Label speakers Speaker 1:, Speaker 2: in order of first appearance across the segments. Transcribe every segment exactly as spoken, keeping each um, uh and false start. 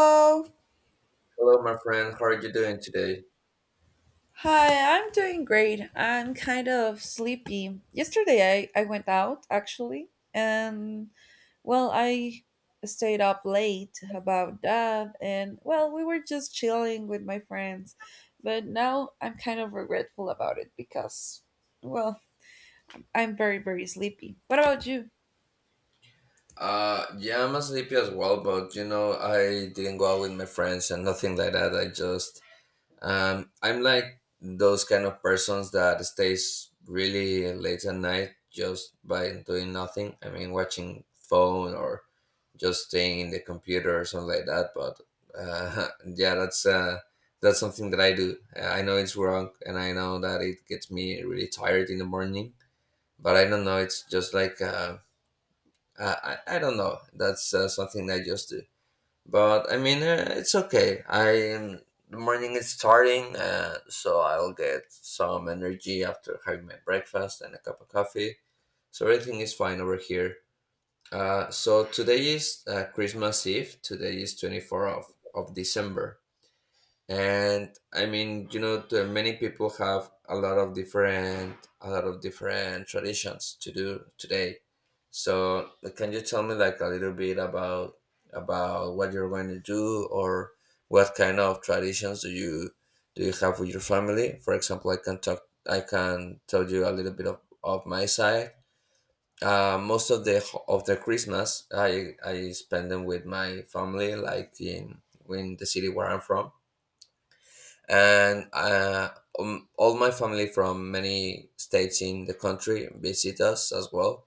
Speaker 1: Oh,
Speaker 2: Hello, my friend. How are you doing today?
Speaker 1: hi, I'm doing great. I'm kind of sleepy. Yesterday I, I went out actually, and well, I stayed up late about that, and well, we were just chilling with my friends. But now I'm kind of regretful about it because, well, I'm very, very sleepy. What about you?
Speaker 2: Uh, yeah, I'm sleepy as well, but you know, I didn't go out with my friends and nothing like that. I just, um, I'm like those kind of persons that stays really late at night just by doing nothing. I mean, watching phone or just staying in the computer or something like that. But uh, yeah, that's uh, that's something that I do. Uh, I know it's wrong, and I know that it gets me really tired in the morning. But I don't know. It's just like. Uh, I, I I don't know. That's uh, Something I just do. But I mean, uh, it's okay. I am The morning is starting, uh, so I'll get some energy after having my breakfast and a cup of coffee. So everything is fine over here. Uh, so today is uh, Christmas Eve. Today is twenty-fourth of of December, and I mean, you know the many people have a lot of different a lot of different traditions to do today. So like, can you tell me like a little bit about about what you're going to do, or what kind of traditions do you do you have with your family? For example, i can talk I can tell you a little bit of, of my side. Uh, most of the ho- of the Christmas, i i spend them with my family, like in in the city where I'm from. And uh, um, all my family from many states in the country visit us as well,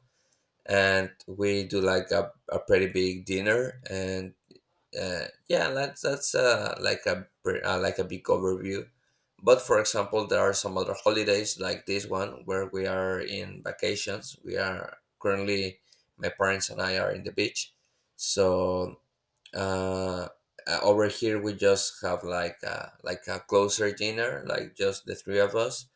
Speaker 2: and we do like a, a pretty big dinner. And uh, yeah, that's that's uh, like a pre- uh, like a big overview. But for example, there are some other holidays like this one where we are in vacations. We are currently My parents and I are in the beach. So uh, uh, over here we just have like a, like a closer dinner, like just the three of us,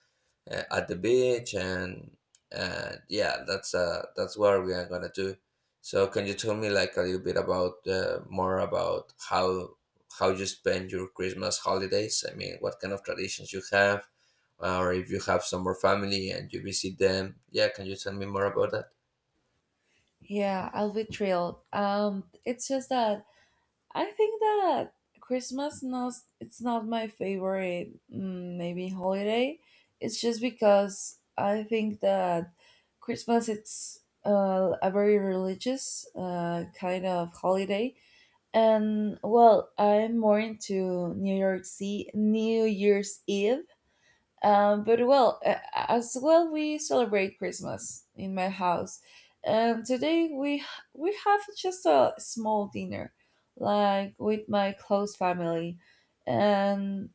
Speaker 2: uh, at the beach. And uh, yeah, that's uh that's what we are gonna do. So can you tell me like a little bit about, uh, more about how how you spend your Christmas holidays? I mean, what kind of traditions you have, uh, or if you have some more family and you visit them? Yeah, can you tell me more about that?
Speaker 1: Yeah, I'll be thrilled. Um, it's just that I think that Christmas not it's not my favorite, mm, maybe holiday. It's just because I think that Christmas it's uh, a very religious uh, kind of holiday, and well, I'm more into New York City, New Year's Eve. Um, but well, uh, as well, we celebrate Christmas in my house. Um, today we we have just a small dinner, like with my close family, and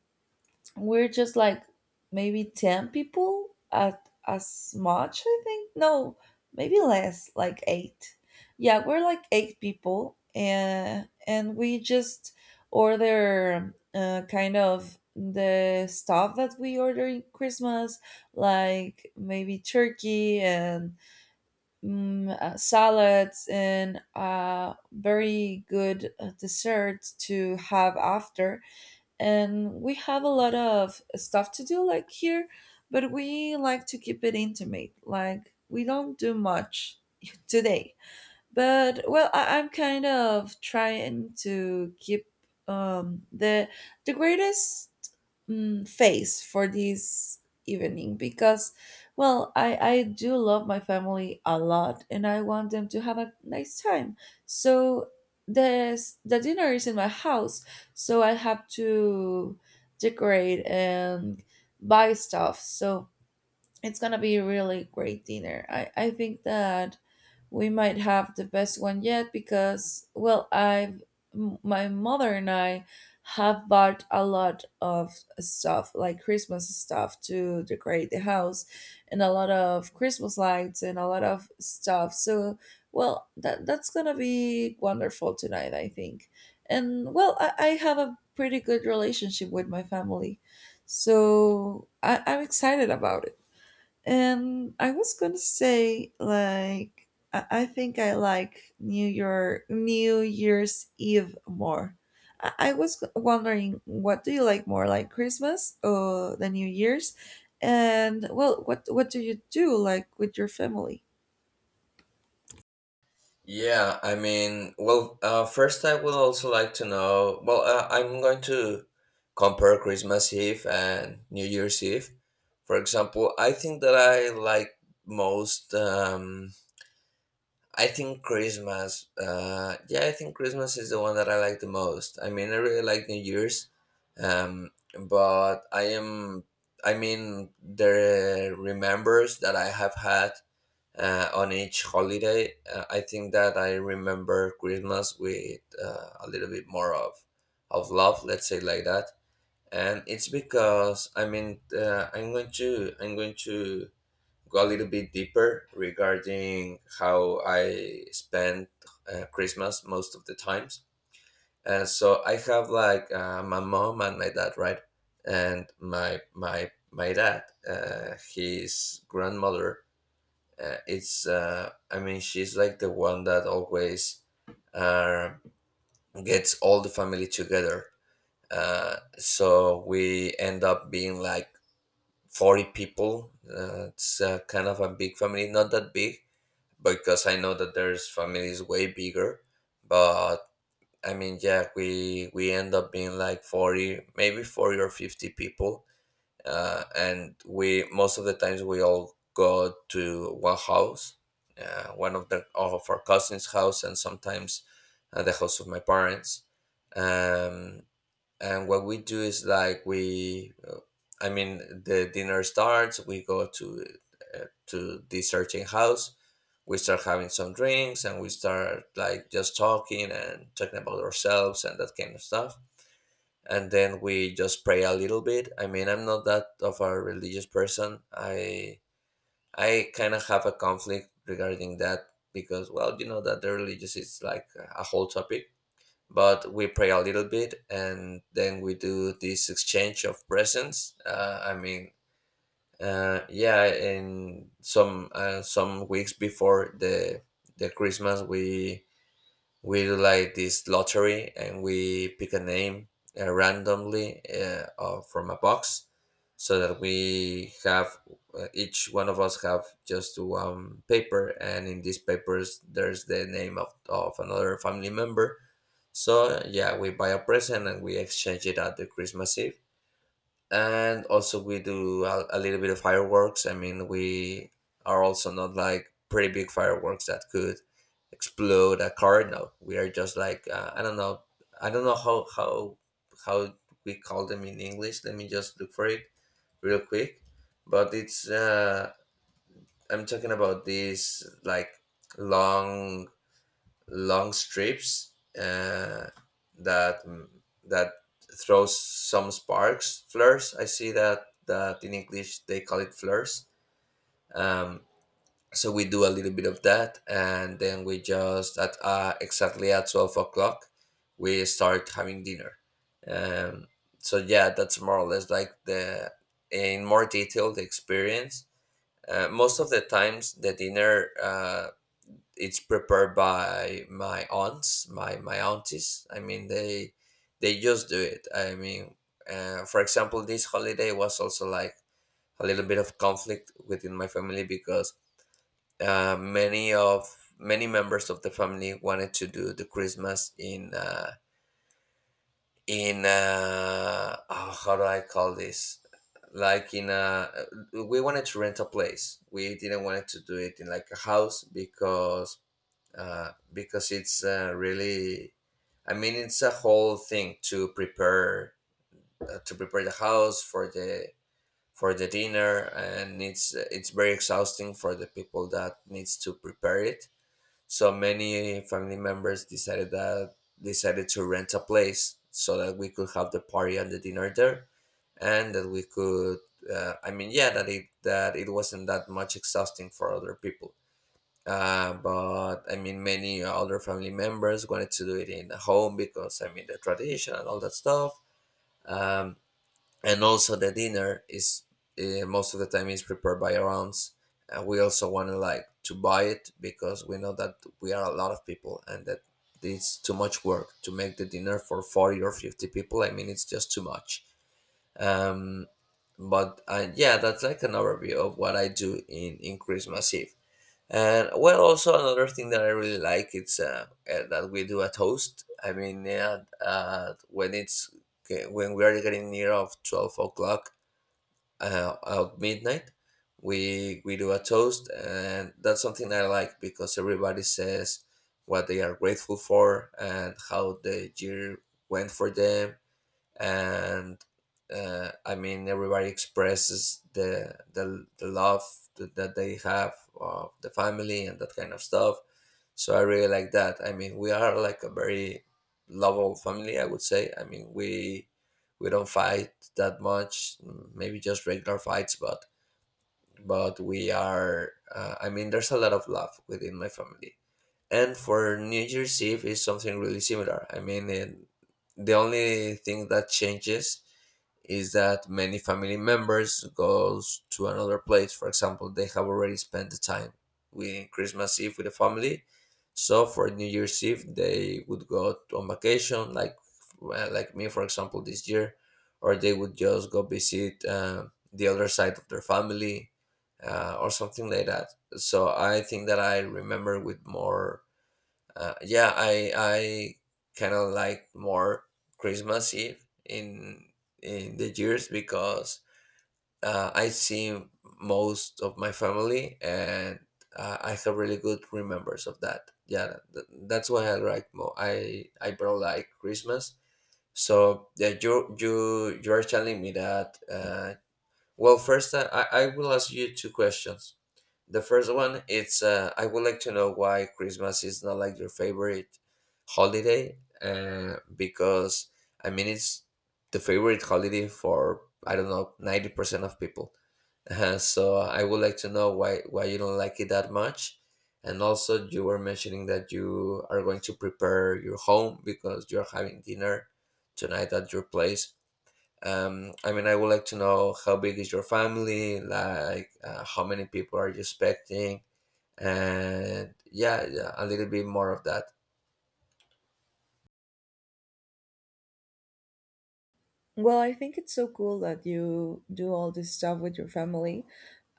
Speaker 1: we're just like maybe ten people at as much, I think. No, maybe less, like eight. Yeah, we're like eight people, and and we just order uh, kind of the stuff that we order in Christmas, like maybe turkey and, mm, uh, salads, and uh, very good uh, dessert to have after. And we have a lot of stuff to do like here, but we like to keep it intimate. Like, we don't do much today. But well, I, i'm kind of trying to keep, um, the the greatest, mm, face for this evening, because well, I, I do love my family a lot, and I want them to have a nice time. So this, the dinner is in my house, so I have to decorate and buy stuff. So it's gonna be a really great dinner. I, I think that we might have the best one yet, because well, I've, m- my mother and I have bought a lot of stuff, like Christmas stuff, to decorate the house, and a lot of Christmas lights and a lot of stuff. So well, that that's gonna be wonderful tonight, I think. And well, i, I have a pretty good relationship with my family, so I, i'm excited about it. And I was gonna say, like, I, I think I like New Year New Year's Eve more. I, I was wondering, what do you like more, like Christmas or the New Year's? And well, what what do you do like with your family?
Speaker 2: Yeah, I mean, well, uh, first I would also like to know. Well, uh, I'm going to compare Christmas Eve and New Year's Eve. For example, I think that I like most. Um, I think Christmas. Uh, yeah, I think Christmas is the one that I like the most. I mean, I really like New Year's, um, but I am. I mean, the remembers that I have had uh, on each holiday. Uh, I think that I remember Christmas with uh, a little bit more of of love, let's say like that. And it's because, I mean, uh, I'm going to I'm going to go a little bit deeper regarding how I spend, uh, Christmas most of the times. And so I have like, uh, my mom and my dad, right? And my my my dad, uh, his grandmother, uh, it's uh, I mean, she's like the one that always, uh, gets all the family together. Uh, so we end up being like forty people. uh, it's uh, Kind of a big family, not that big, because I know that there's families way bigger. But I mean, yeah, we we end up being like forty, maybe forty or fifty people. Uh, and we, most of the times, we all go to one house, uh, one of the of our cousins' house, and sometimes, uh, the house of my parents. Um, and what we do is like, we, uh, I mean, the dinner starts. We go to uh, to this certain house. We start having some drinks, and we start like just talking and talking about ourselves and that kind of stuff. And then we just pray a little bit. I mean, I'm not that of a religious person. I I kind of have a conflict regarding that, because, well, you know that the religious is like a whole topic. But we pray a little bit and then we do this exchange of presents. Uh, I mean, uh, yeah, in some, uh, some weeks before the the Christmas, we we do like this lottery, and we pick a name, uh, randomly, uh, uh, from a box, so that we have, uh, each one of us have just one paper, and in these papers there's the name of, of another family member. So yeah, we buy a present, and we exchange it at the Christmas Eve. And also we do a, a little bit of fireworks. I mean, we are also not like pretty big fireworks that could explode a car, no. We are just like, uh, I don't know, i don't know how how how we call them in English. Let me just look for it real quick. But it's, uh I'm talking about these like long, long strips, uh, that that throws some sparks. Flares, I see that, that in English they call it flares. um, so we do a little bit of that, and then we just, at uh, exactly at twelve o'clock, we start having dinner. um, so yeah, that's more or less like the in more detail, the experience. Uh, most of the times, the dinner, uh, it's prepared by my aunts, my my aunties. I mean, they they just do it. I mean, uh, for example, this holiday was also like a little bit of conflict within my family, because, uh, many of many members of the family wanted to do the Christmas in, uh, in uh, oh, how do I call this? Like in a, we wanted to rent a place. We didn't want to do it in like a house because, uh, because it's, uh, really, I mean, it's a whole thing to prepare, uh, to prepare the house for the for the dinner, and it's it's very exhausting for the people that needs to prepare it. So many family members decided that decided to rent a place so that we could have the party and the dinner there, and that we could, uh, I mean, yeah, that it that it wasn't that much exhausting for other people. Uh, but I mean, many other family members wanted to do it in the home, because, I mean, the tradition and all that stuff. Um, and also the dinner is uh, most of the time is prepared by our aunts. Uh, we also want to like to buy it, because we know that we are a lot of people, and that it's too much work to make the dinner for forty or fifty people. I mean, it's just too much. Um, but uh, Yeah, that's like an overview of what I do in in Christmas Eve. And well, also another thing that I really like, it's, uh, uh, that we do a toast. I mean, yeah, uh, when it's when we are getting near of twelve o'clock, uh, of midnight, we we do a toast, and that's something I like, because everybody says what they are grateful for and how the year went for them. And uh, I mean, everybody expresses the the, the love that that they have of the family and that kind of stuff. So I really like that. I mean, we are like a very lovable family, I would say. I mean, we we don't fight that much, mm, maybe just regular fights, but but we are. Uh, I mean, there's a lot of love within my family. And for New Year's Eve is something really similar. I mean, it, the only thing that changes is that many family members goes to another place. For example, they have already spent the time with Christmas Eve with the family, so for New Year's Eve they would go on vacation, like, well, like me for example this year, or they would just go visit, uh, the other side of their family, uh, or something like that. So I think that I remember with more, uh, yeah, I I kind of like more Christmas Eve in in the years, because, uh, I see most of my family, and uh, I have really good remembers of that. Yeah, th- that's why I like more. I I probably like Christmas. So yeah, you you you are telling me that. Uh, well, first, I I I will ask you two questions. The first one, it's uh, I would like to know why Christmas is not like your favorite holiday. Uh, because, I mean, it's the favorite holiday for, I don't know, ninety percent of people. Uh, so I would like to know why why you don't like it that much. And also, you were mentioning that you are going to prepare your home because you're having dinner tonight at your place. Um, I mean, I would like to know how big is your family, like uh, how many people are you expecting, and yeah, yeah a little bit more of that.
Speaker 1: Well, I think it's so cool that you do all this stuff with your family.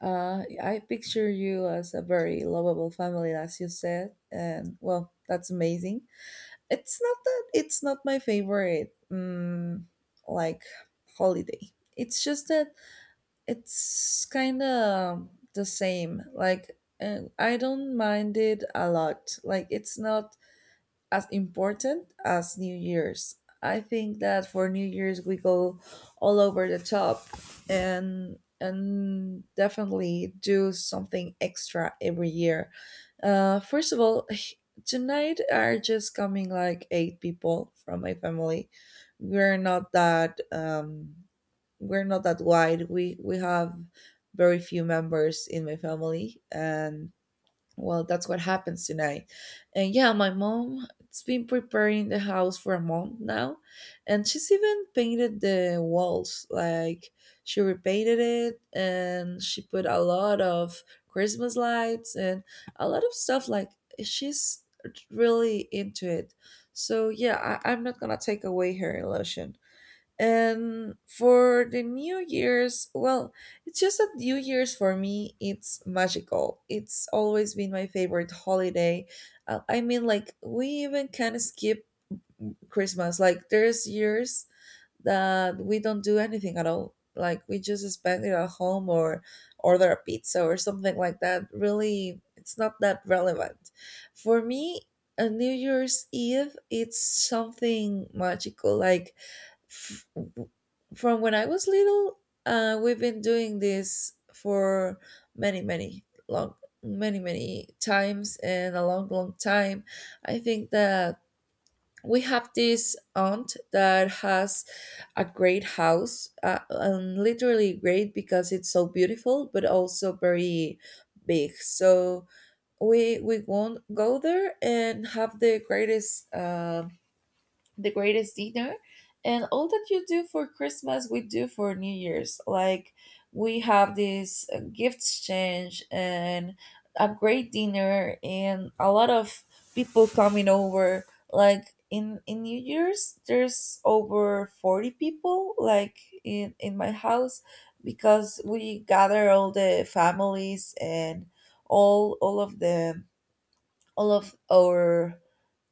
Speaker 1: Uh, I picture you as a very lovable family, as you said, and well, that's amazing. It's not that it's not my favorite, mm, like, holiday. It's just that it's kind of the same. Like, uh, I don't mind it a lot. Like, it's not as important as New Year's. I think that for New Year's we go all over the top, and and definitely do something extra every year. Uh, first of all, tonight are just coming like eight people from my family. We're not that, um, we're not that wide. We we have very few members in my family, and well, that's what happens tonight. And yeah, my mom, it has been preparing the house for a month now, and she's even painted the walls. Like, she repainted it, and she put a lot of Christmas lights and a lot of stuff. Like, she's really into it. So yeah, I, I'm not gonna take away her illusion. And for the New Year's, well, it's just that New Year's for me, it's magical. It's always been my favorite holiday. Uh, I mean, like, we even can skip Christmas. Like, there's years that we don't do anything at all. Like, we just spend it at home or order a pizza or something like that. Really, it's not that relevant. For me, a New Year's Eve, it's something magical. Like, f- from when I was little, uh, we've been doing this for many, many long, many, many times and a long, long time. I think that we have this aunt that has a great house, uh, and literally great because it's so beautiful, but also very big. So we we won't go there and have the greatest, uh the greatest dinner. And all that you do for Christmas, we do for New Year's. Like, we have this uh, gift exchange, and a great dinner, and a lot of people coming over. Like, in in New Year's there's over forty people like in in my house, because we gather all the families, and all all of the, all of our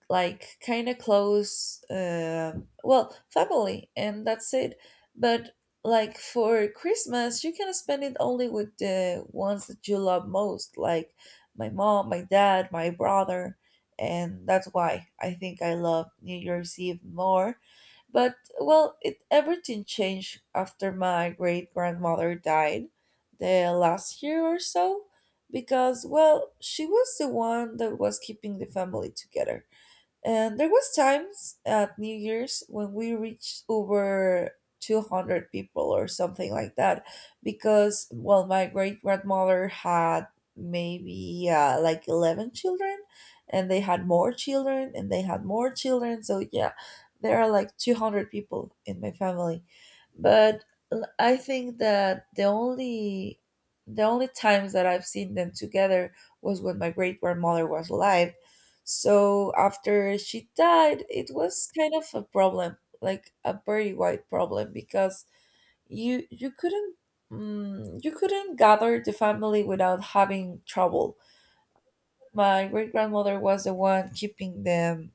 Speaker 1: like kind of close, uh, well, family, and that's it. But like, for Christmas you can spend it only with the ones that you love most, like my mom, my dad, my brother. And that's why I think I love New Year's Eve more. But well, it, everything changed after my great grandmother died the last year or so, because well, she was the one that was keeping the family together. And there was times at New Year's when we reached over two hundred people or something like that, because well, my great grandmother had maybe uh, like eleven children, and they had more children, and they had more children. So yeah, there are like two hundred people in my family. But, l- I think that the only, the only times that I've seen them together was when my great grandmother was alive. So after she died, it was kind of a problem, like a very wide problem, because you you couldn't, mm, you couldn't gather the family without having trouble. My great grandmother was the one keeping them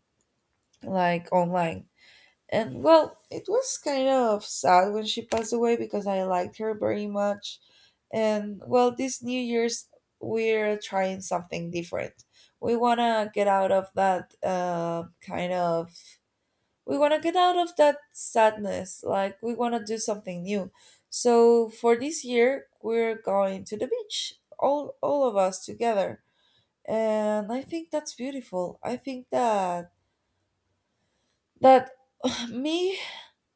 Speaker 1: like online. And well, it was kind of sad when she passed away because I liked her very much. And well, this New Year's, we're trying something different. We want to get out of that, uh, kind of, we want to get out of that sadness. Like, we want to do something new. So, for this year, we're going to the beach, all, all of us together. And I think that's beautiful. I think that that, me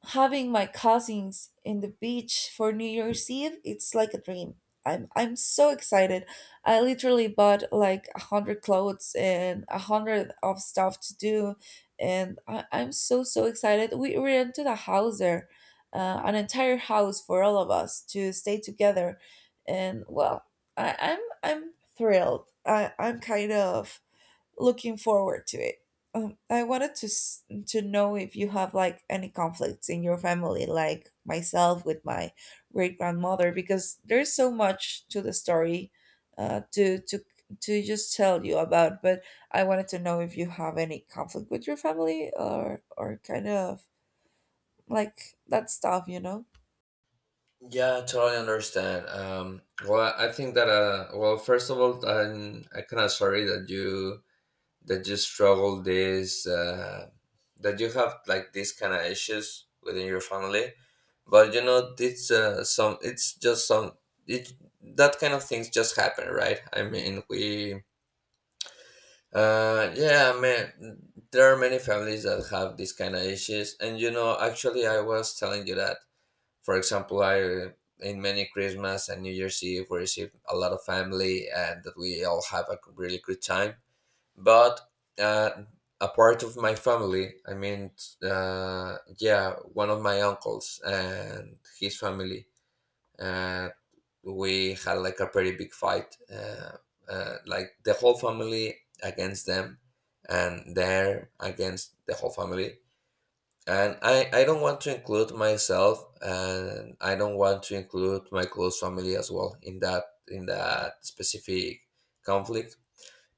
Speaker 1: having my cousins in the beach for New Year's Eve, it's like a dream. I'm I'm so excited. I literally bought like a hundred clothes and a hundred of stuff to do, and I, I'm so so excited. We rented a house there, uh, an entire house for all of us to stay together, and well, I, I'm I'm thrilled. I, I'm kind of looking forward to it. Um, I wanted to s- to know if you have like any conflicts in your family, like myself with my great grandmother, because there's so much to the story, uh, to to to just tell you about. But I wanted to know if you have any conflict with your family, or or kind of like that stuff, you know.
Speaker 2: Yeah, totally understand. Um well, I think that uh well, first of all, i'm i kind of sorry that you that you struggle this uh that you have like these kind of issues within your family. But you know, it's uh some it's just some it that kind of things just happen, right? I mean, we uh yeah, I mean there are many families that have these kind of issues. And you know, actually I was telling you that. For example, I in many Christmas and New Year's Eve we receive a lot of family and that we all have a really good time. But uh, a part of my family, I mean, uh, yeah, one of my uncles and his family, uh, we had like a pretty big fight, uh, uh, like the whole family against them, and they're against the whole family. And I, I don't want to include myself, and I don't want to include my close family as well in that in that specific conflict,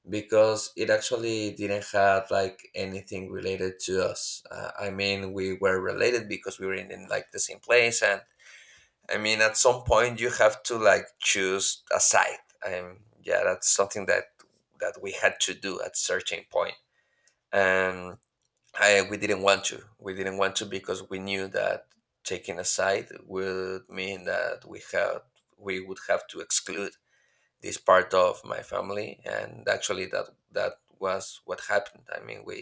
Speaker 2: because it actually didn't have like anything related to us. Uh, I mean, we were related because we were in, in like the same place. And I mean, at some point you have to like choose a side. And yeah, that's something that that we had to do at certain point. And I we didn't want to. We didn't want to, because we knew that taking a side would mean that we had we would have to exclude this part of my family, and actually that that was what happened. I mean, we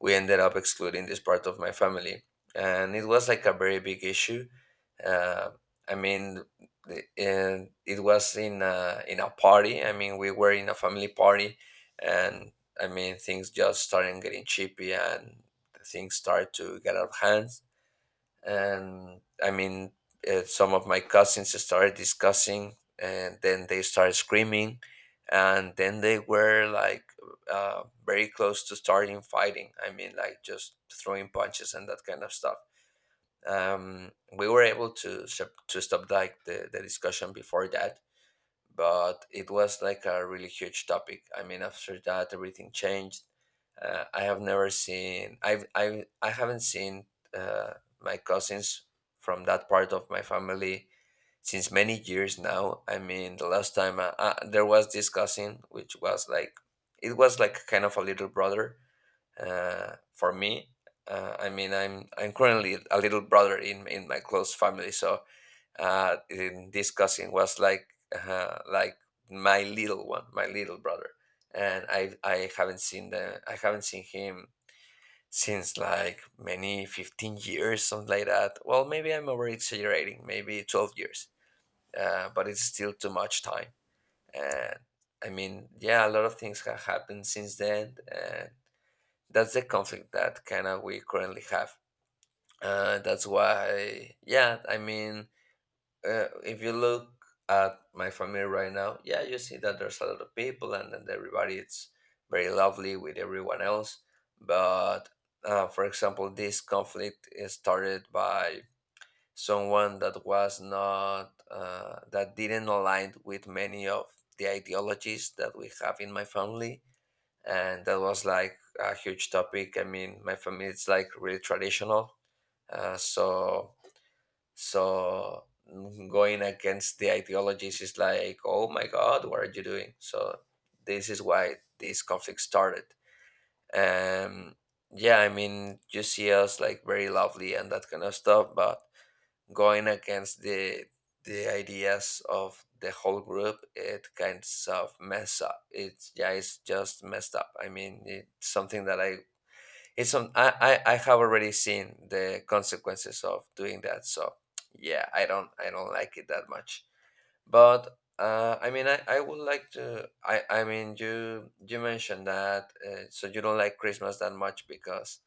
Speaker 2: we ended up excluding this part of my family, and it was like a very big issue. uh, i mean the- and it was in a, in a party. I mean, we were in a family party. And I mean, things just started getting chippy, and things started to get out of hand. And I mean, uh, some of my cousins started discussing, and then they started screaming, and then they were like uh, very close to starting fighting. I mean, like just throwing punches and that kind of stuff. Um, we were able to sup- to stop like the, the discussion before that, but it was like a really huge topic. I mean, after that, everything changed. Uh, I have never seen. I've. I. I haven't seen uh, my cousins from that part of my family since many years now. I mean, the last time I, uh, there was this cousin, which was like, it was like kind of a little brother uh, for me. Uh, I mean, I'm I'm currently a little brother in in my close family, so uh, in this cousin was like uh, like my little one, my little brother. And I I haven't seen the I haven't seen him since like many fifteen years, something like that. Well, maybe I'm over exaggerating, maybe twelve years. Uh, but it's still too much time. And I mean, yeah, a lot of things have happened since then, and that's the conflict that kind of we currently have. Uh, that's why, yeah, I mean, uh, if you look at my family right now, yeah, you see that there's a lot of people, and then everybody it's very lovely with everyone else. But uh, for example, this conflict is started by someone that was not uh, that didn't align with many of the ideologies that we have in my family, and that was like a huge topic. I mean, my family is like really traditional, uh, so so mm, going against the ideologies is like, oh my God, what are you doing? So this is why this conflict started. Um, yeah, I mean, you see us like very lovely and that kind of stuff, but going against the the ideas of the whole group, it kind of mess up. It's yeah, it's just messed up. I mean, it's something that I it's some I, I I have already seen the consequences of doing that. So yeah, I don't I don't like it that much. But uh, I mean I, I would like to I, I mean you you mentioned that uh, so you don't like Christmas that much because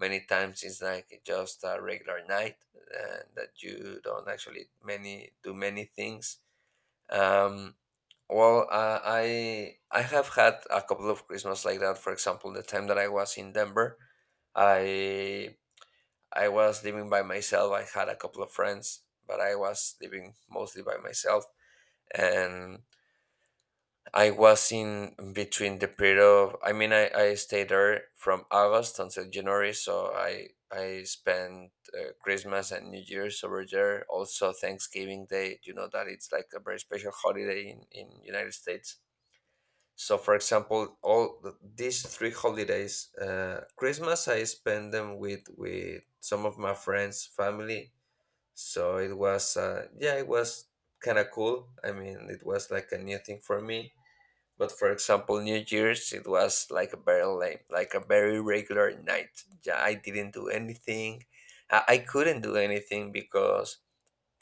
Speaker 2: many times it's like just a regular night uh, that you don't actually many do many things. Um, well, uh, I I have had a couple of Christmas like that. For example, the time that I was in Denver, I I was living by myself. I had a couple of friends, but I was living mostly by myself. And I was in between the period of I mean I, I stayed there from August until January, so I I spent uh, Christmas and New Year's over there. Also Thanksgiving Day, you know that it's like a very special holiday in in United States. So, for example, all th- these three holidays, uh, Christmas, I spend them with with some of my friends, family. So it was, uh, yeah, it was kind of cool. I mean, it was like a new thing for me. But for example, New Year's, it was like a very lame, like a very regular night. Yeah, I didn't do anything. I, I couldn't do anything because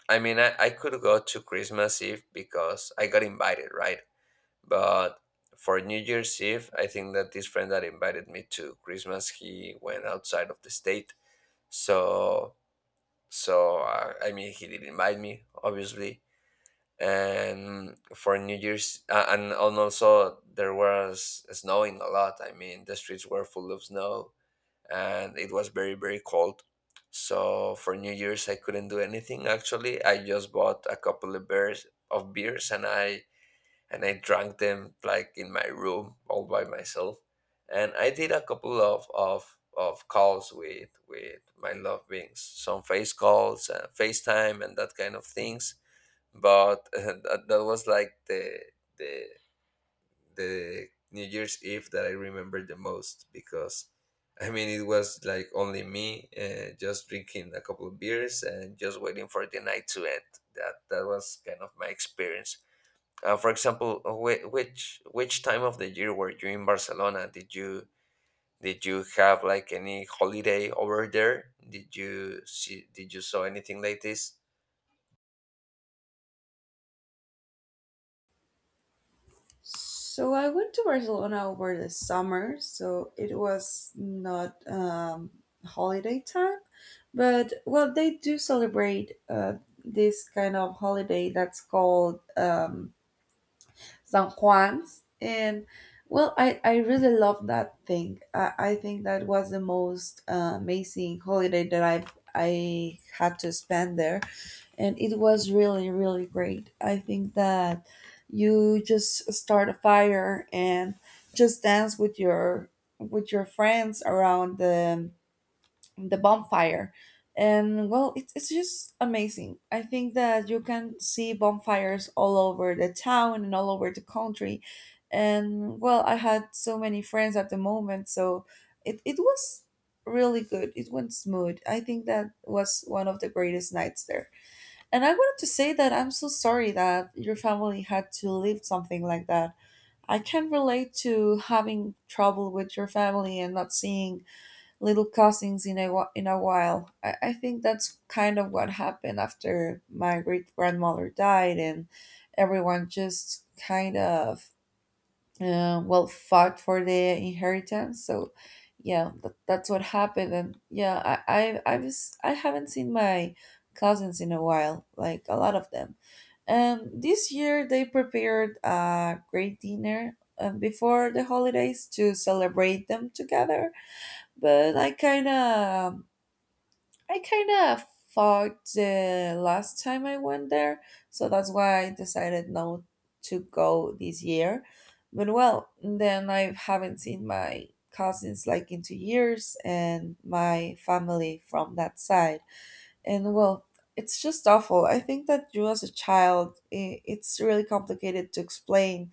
Speaker 2: I mean, I, I could go to Christmas Eve because I got invited, right? But for New Year's Eve, I think that this friend that invited me to Christmas, he went outside of the state. So, so uh, I mean, he did invite me, obviously. And for New Year's, uh, and and also there was snowing a lot. I mean, the streets were full of snow, and it was very very cold. So for New Year's, I couldn't do anything. Actually, I just bought a couple of beers of beers, and I and I drank them like in my room all by myself. And I did a couple of of, of calls with with my loved beings, some face calls, uh, FaceTime, and that kind of things. But that, that was like the the the New Year's Eve that I remember the most because. I mean, it was like only me, uh, just drinking a couple of beers and just waiting for the night to end. That that was kind of my experience uh, for example, whi- which which time of the year were you in Barcelona? Did you did you have like any holiday over there? Did you see did you saw anything like this?
Speaker 1: So I went to Barcelona over the summer, so it was not, um, holiday time, but well, they do celebrate uh, this kind of holiday that's called, um, San Juan's. And well, I, I really love that thing. I, I think that was the most uh, amazing holiday that I I had to spend there, and it was really really great. I think that you just start a fire and just dance with your, with your friends around the the bonfire. And well, it's, it's just amazing. I think that you can see bonfires all over the town and all over the country. And well, I had so many friends at the moment, so it, it was really good. It went smooth. I think that was one of the greatest nights there. And I wanted to say that I'm so sorry that your family had to live something like that. I can relate to having trouble with your family and not seeing little cousins in a wh- in a while. I, I think that's kind of what happened after my great grandmother died, and everyone just kind of, uh, well, fought for the inheritance. So yeah, that, that's what happened. And yeah, I, I i was, I haven't seen my cousins in a while, like a lot of them. um this year they prepared a great dinner, um, before the holidays to celebrate them together. But I kind of, I kind of fought the last time I went there, so that's why I decided not to go this year. But well, then I haven't seen my cousins like in two years, and my family from that side. And well, it's just awful. I think that you as a child, i- it's really complicated to explain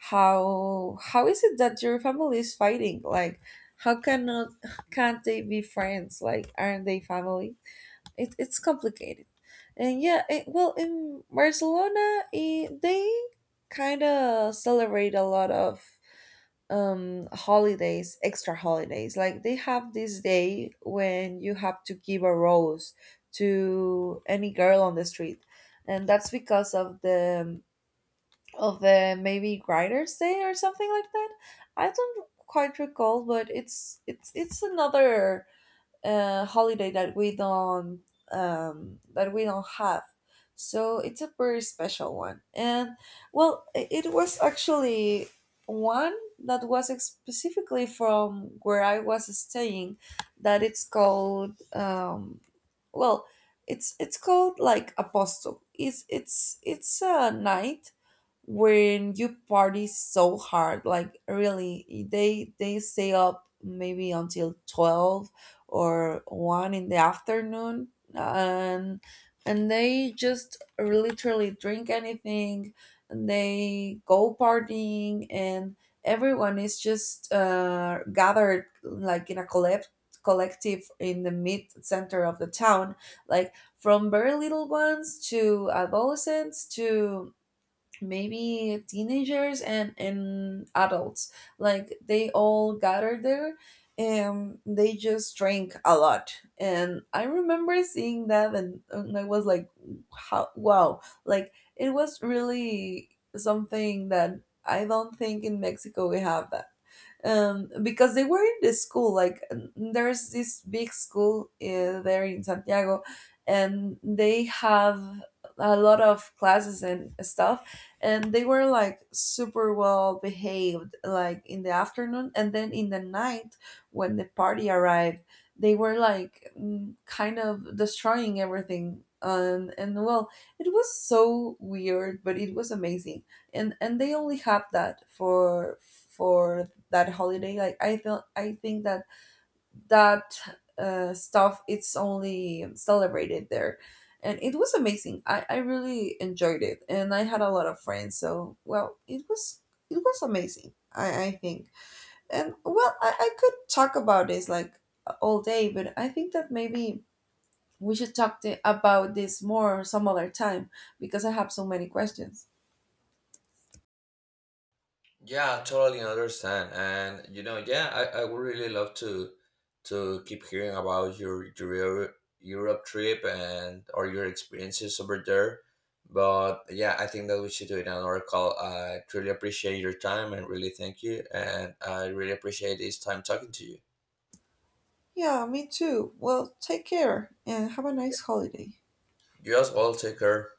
Speaker 1: how how is it that your family is fighting? Like, how cannot, can't they be friends? Like, aren't they family? It, it's complicated. And yeah, it, well, in Barcelona, it, they kind of celebrate a lot of, um holidays, extra holidays. Like, they have this day when you have to give a rose to any girl on the street, and that's because of the, of the maybe grinders day or something like that. I don't quite recall, but it's it's it's another uh, holiday that we don't, um, that we don't have. So it's a very special one. And well, i- it was actually one that was specifically from where I was staying. That it's called, um, well, it's it's called like Apostle. It's it's it's a night when you party so hard, like, really they they stay up maybe until twelve or one in the afternoon. and and they just literally drink anything, and they go partying. And everyone is just uh, gathered like in a collect collective in the mid center of the town. Like, from very little ones to adolescents to maybe teenagers and and adults, like, they all gather there. And they just drink a lot. And I remember seeing that and, and I was like, how, wow. Like, it was really something that I don't think in Mexico we have that. Um, because they were in the school. Like, there's this big school uh, there in Santiago, and they have a lot of classes and stuff, and they were like super well behaved like in the afternoon, and then in the night when the party arrived, they were like, mm, kind of destroying everything. and and well, it was so weird, but it was amazing. and and they only have that for for that holiday. Like, I feel, I think that that, uh, stuff it's only celebrated there. And it was amazing. I, I really enjoyed it, and I had a lot of friends, so well, it was, it was amazing, i, I think. And well, I, I could talk about this like all day, but I think that maybe we should talk to, about this more some other time, because I have so many questions.
Speaker 2: Yeah, totally understand. And you know, yeah, I, I would really love to to keep hearing about your your Euro- Europe trip and or your experiences over there. But yeah, I think that we should do it on our call. I truly appreciate your time and really thank you. And I really appreciate this time talking to you.
Speaker 1: Yeah, me too. Well, take care, and have a nice holiday.
Speaker 2: You as well, take care.